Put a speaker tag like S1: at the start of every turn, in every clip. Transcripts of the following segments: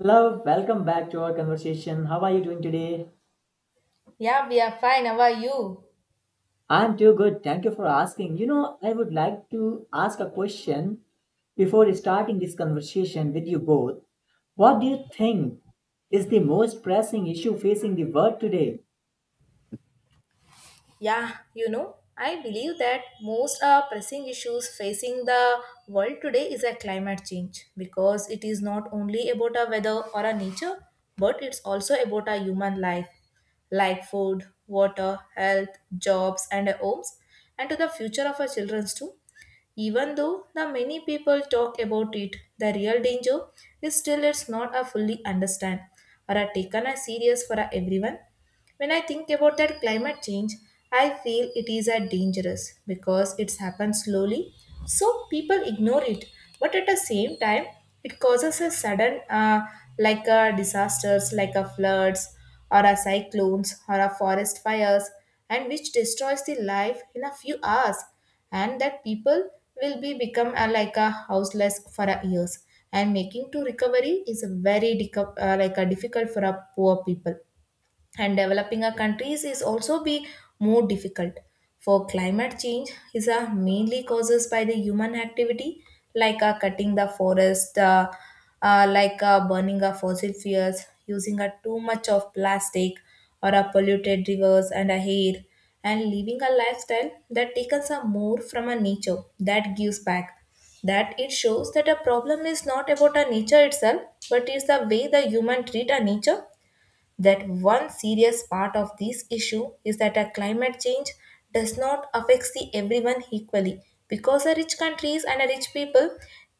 S1: Hello, welcome back to our conversation. How are you doing today?
S2: Yeah, we are fine. How are you?
S1: I'm too good. Thank you for asking. You know, I would like to ask a question before starting this conversation with you both. What do you think is the most pressing issue facing the world today?
S2: Yeah, you know, I believe that most pressing issues facing the world today is a climate change because it is not only about a weather or a nature, but it's also about a human life, like food, water, health, jobs, and homes, and to the future of our children too. Even though the many people talk about it, the real danger is still it's not a fully understand or are taken as serious for a everyone. When I think about that climate change, I feel it is a dangerous because it's happened slowly, so people ignore it. But at the same time, it causes a sudden, like disasters, like a floods or a cyclones or a forest fires and which destroys the life in a few hours and that people will be become a, like a houseless for a years and making to recovery is a very like a difficult for a poor people and developing our countries is also be more difficult for climate change is mainly causes by the human activity like cutting the forest like burning of fossil fuels using too much of plastic or polluted rivers and air and living a lifestyle that takes us more from a nature that gives back that it shows that a problem is not about a nature itself but is the way the human treat a nature that one serious part of this issue is that a climate change does not affect the everyone equally because the rich countries and the rich people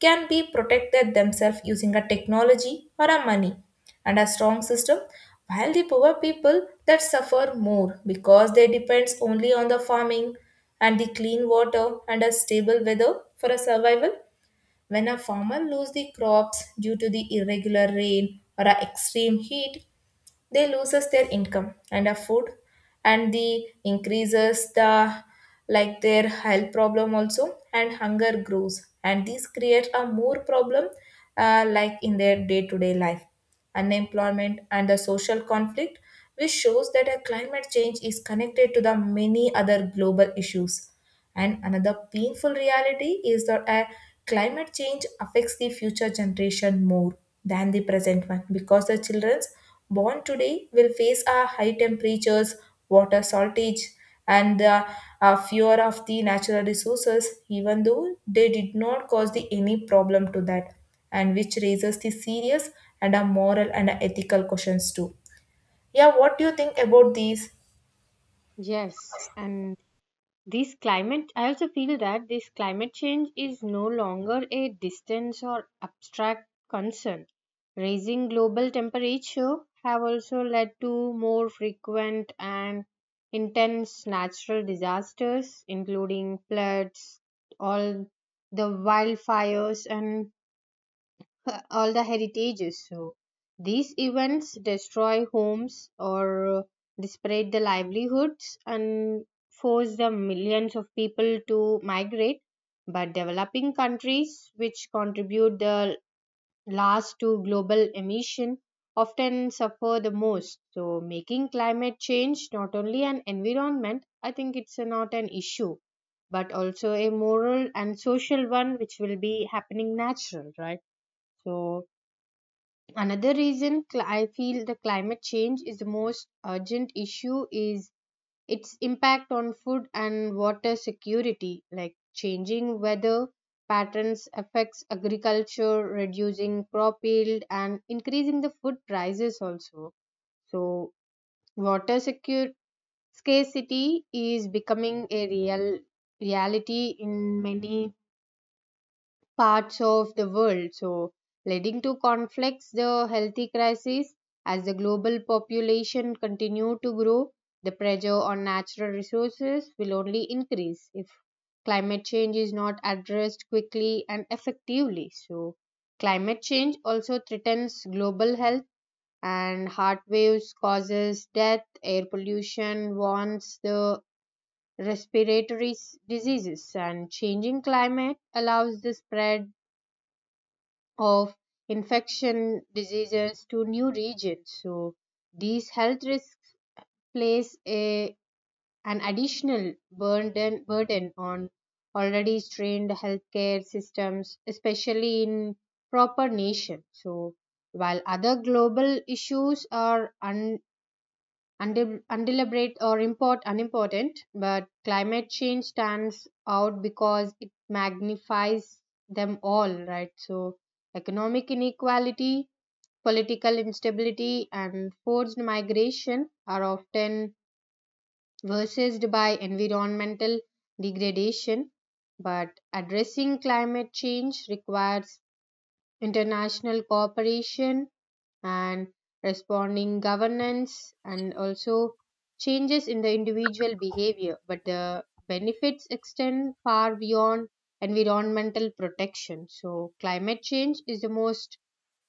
S2: can be protected themselves using a technology or a money and a strong system while the poor people that suffer more because they depends only on the farming and the clean water and a stable weather for a survival. When a farmer loses the crops due to the irregular rain or a extreme heat, they loses their income and a food and the increases the like their health problem also and hunger grows, and this creates a more problem like in their day-to-day life, unemployment and the social conflict, which shows that a climate change is connected to the many other global issues. And another painful reality is that climate change affects the future generation more than the present one because the children born today will face a high temperatures, water shortage, and the fear of the natural resources, even though they did not cause the any problem to that, and which raises the serious and a moral and a ethical questions too. Yeah, what do you think about these?
S3: Yes, and this climate, I also feel that this climate change is no longer a distance or abstract concern. Raising global temperature have also led to more frequent and intense natural disasters, including floods, all the wildfires, and all the heritages. So these events destroy homes or disparate the livelihoods and force the millions of people to migrate. But developing countries, which contribute the last to global emission, often suffer the most. So making climate change not only an environment, I think not an issue, but also a moral and social one, which will be happening natural, right? So another reason I feel the climate change is the most urgent issue is its impact on food and water security, like changing weather patterns affects agriculture, reducing crop yield and increasing the food prices also. So water secure scarcity is becoming a reality in many parts of the world, so leading to conflicts, the healthy crisis as the global population continue to grow, the pressure on natural resources will only increase if climate change is not addressed quickly and effectively. So climate change also threatens global health, and heart waves causes death, air pollution warns the respiratory diseases and changing climate allows the spread of infection diseases to new regions. So these health risks place a an additional burden on already strained healthcare systems, especially in proper nations. So while other global issues are un, undeb- undeliberate or import unimportant, but climate change stands out because it magnifies them all, right? So economic inequality, political instability, and forced migration are often versed by environmental degradation. But addressing climate change requires international cooperation and responding governance, and also changes in the individual behavior, but the benefits extend far beyond environmental protection. So climate change is the most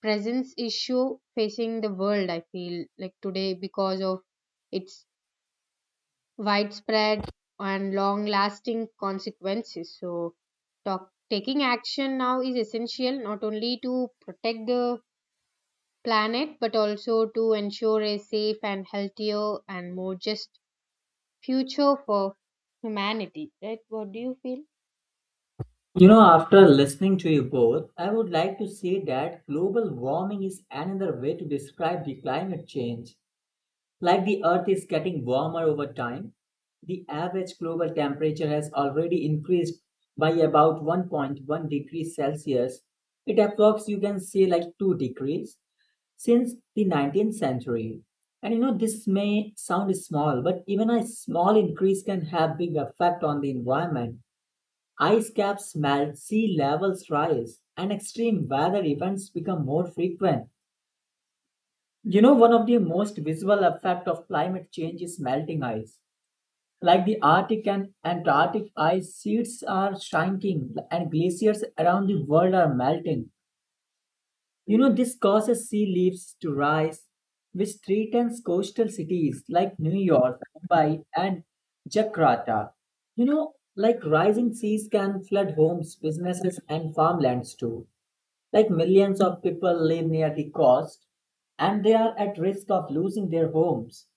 S3: present issue facing the world, I feel like, today because of its widespread and long lasting consequences. So taking action now is essential not only to protect the planet, but also to ensure a safe and healthier and more just future for humanity. Right? What do you feel?
S1: You know, after listening to you both, I would like to say that global warming is another way to describe the climate change. Like the Earth is getting warmer over time, the average global temperature has already increased by about 1.1 degrees Celsius. It approx you can say like 2 degrees since the 19th century. And you know, this may sound small, but even a small increase can have big effect on the environment. Ice caps melt, sea levels rise, and extreme weather events become more frequent. You know, one of the most visible effect of climate change is melting ice. Like the Arctic and Antarctic ice sheets are shrinking and glaciers around the world are melting. You know, this causes sea levels to rise, which threatens coastal cities like New York, Mumbai, and Jakarta. You know, like rising seas can flood homes, businesses, and farmlands too. Like millions of people live near the coast and they are at risk of losing their homes.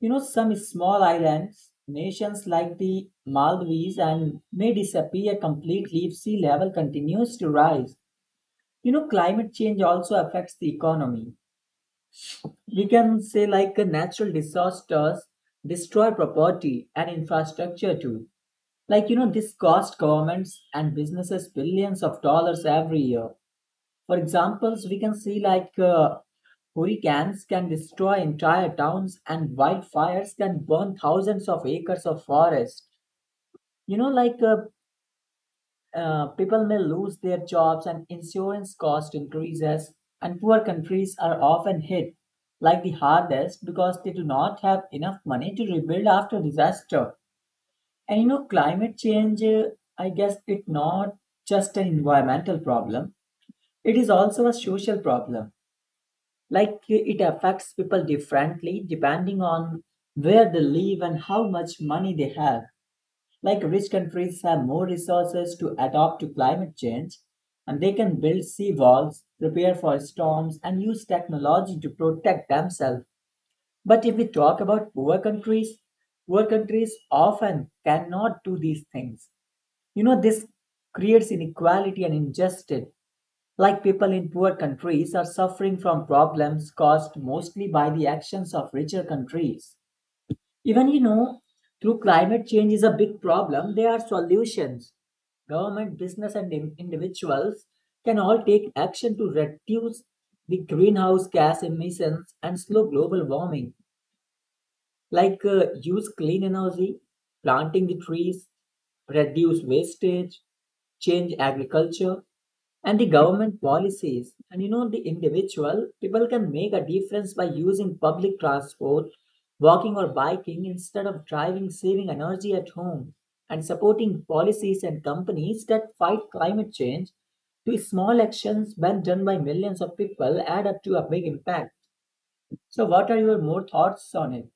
S1: You know, some small islands, nations like the Maldives, and may disappear completely if sea level continues to rise. You know, climate change also affects the economy. We can say, like, natural disasters destroy property and infrastructure too. Like, you know, this cost governments and businesses billions of dollars every year. For examples, we can see like hurricanes can destroy entire towns and wildfires can burn thousands of acres of forest. You know, like people may lose their jobs and insurance cost increases, and poor countries are often hit like the hardest because they do not have enough money to rebuild after disaster. And you know, climate change, I guess it's not just an environmental problem, it is also a social problem, like it affects people differently depending on where they live and how much money they have. Like rich countries have more resources to adapt to climate change, and they can build sea walls, prepare for storms, and use technology to protect themselves. But if we talk about poor countries, poor countries often cannot do these things. You know, this creates inequality and injustice, like people in poor countries are suffering from problems caused mostly by the actions of richer countries. Even you know, through climate change is a big problem, there are solutions. Government, business, and individuals can all take action to reduce the greenhouse gas emissions and slow global warming. Like use clean energy, planting the trees, reduce wastage, change agriculture, and the government policies. And you know, the individual people can make a difference by using public transport, walking or biking instead of driving, saving energy at home, and supporting policies and companies that fight climate change. These small actions, when done by millions of people, add up to a big impact. So, what are your more thoughts on it?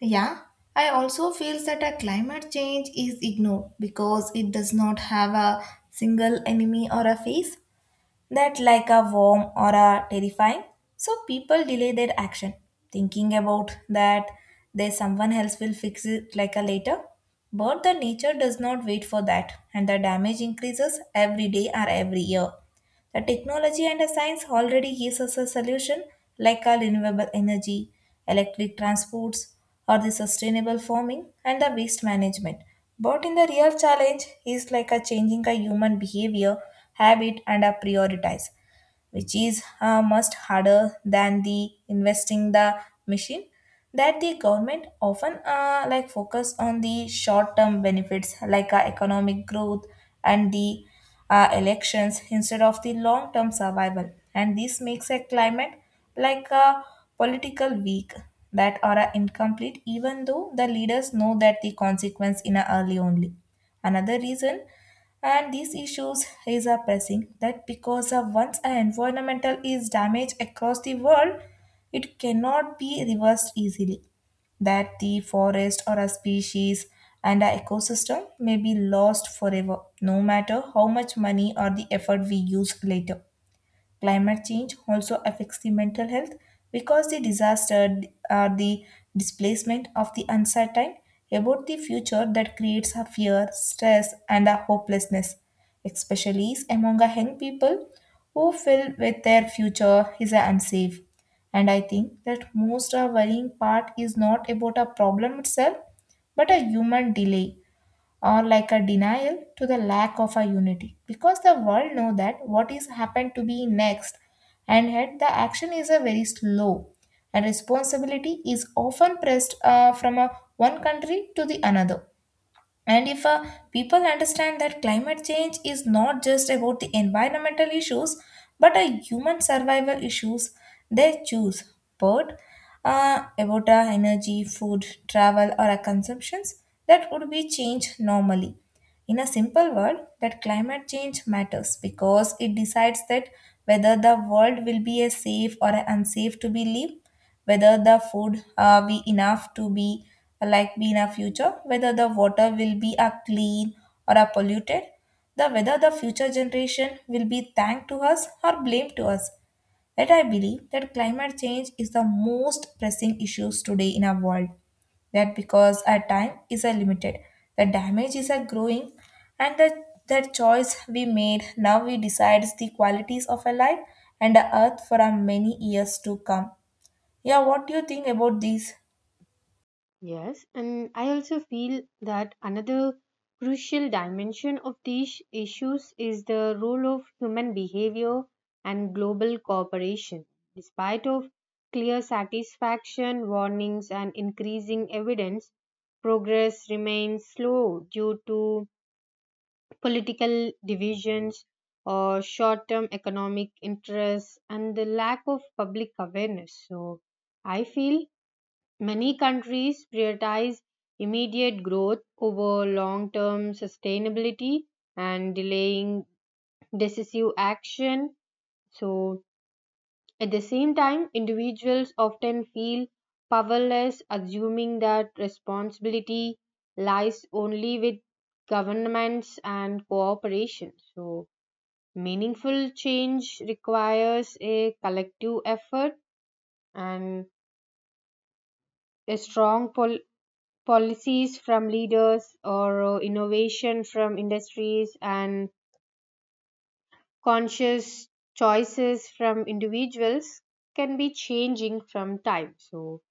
S2: Yeah, I also feel that a climate change is ignored because it does not have a single enemy or a face that like a warm or a terrifying. So people delay their action, thinking about that there's someone else will fix it like a later. But the nature does not wait for that, and the damage increases every day or every year. The technology and the science already gives us a solution like our renewable energy, electric transports, or the sustainable farming and the waste management. But in the real challenge is like a changing a human behavior, habit, and a prioritize, which is much harder than the investing the machine. That the government often like focus on the short term benefits like economic growth and the elections instead of the long term survival, and this makes a climate like a political weak that are incomplete even though the leaders know that the consequence in a early only. Another reason and these issues is a pressing that because of once an environmental is damaged across the world, it cannot be reversed easily, that the forest or a species and our ecosystem may be lost forever no matter how much money or the effort we use later. Climate change also affects the mental health because the disaster or the displacement of the uncertain about the future that creates a fear, stress, and a hopelessness, especially among a young people who feel with their future is unsafe. And I think that most of worrying part is not about a problem itself, but a human delay or like a denial to the lack of a unity because the world know that what is happened to be next, and yet the action is a very slow and responsibility is often pressed from a one country to the another. And if people understand that climate change is not just about the environmental issues but a human survival issues, they choose but about energy, food, travel, or consumptions that would be changed normally. In a simple world, that climate change matters because it decides that whether the world will be a safe or a unsafe to be lived, whether the food be enough to be like be in a future, whether the water will be a clean or a polluted, the whether the future generation will be thanked to us or blamed to us, that I believe that climate change is the most pressing issues today in our world, that because our time is a limited, the damage is a growing, and that choice we made now we decides the qualities of our life and the earth for our many years to come. Yeah, what do you think about these?
S3: Yes, and I also feel that another crucial dimension of these issues is the role of human behavior and global cooperation. Despite of clear satisfaction, warnings and increasing evidence, progress remains slow due to political divisions or short term economic interests and the lack of public awareness. So I feel many countries prioritize immediate growth over long term sustainability and delaying decisive action. So at the same time, individuals often feel powerless, assuming that responsibility lies only with governments and cooperation. So meaningful change requires a collective effort, and a policies from leaders or innovation from industries and conscious choices from individuals can be changing from time. So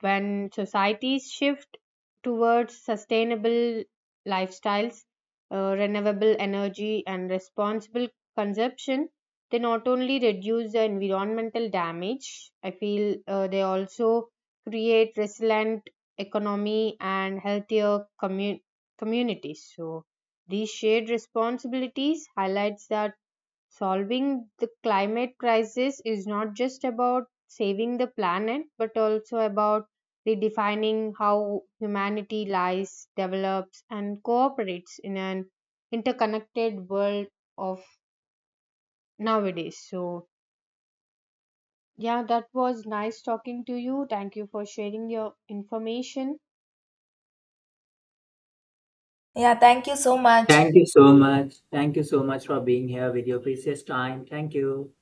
S3: when societies shift towards sustainable lifestyles, renewable energy, and responsible consumption, they not only reduce the environmental damage, I feel they also create resilient economy and communities. So these shared responsibilities highlights that solving the climate crisis is not just about saving the planet, but also about redefining how humanity lies, develops, and cooperates in an interconnected world of nowadays. So yeah, that was nice talking to you. Thank you for sharing your information.
S2: Yeah, thank you so much.
S1: Thank you so much. Thank you so much for being here with your precious time. Thank you.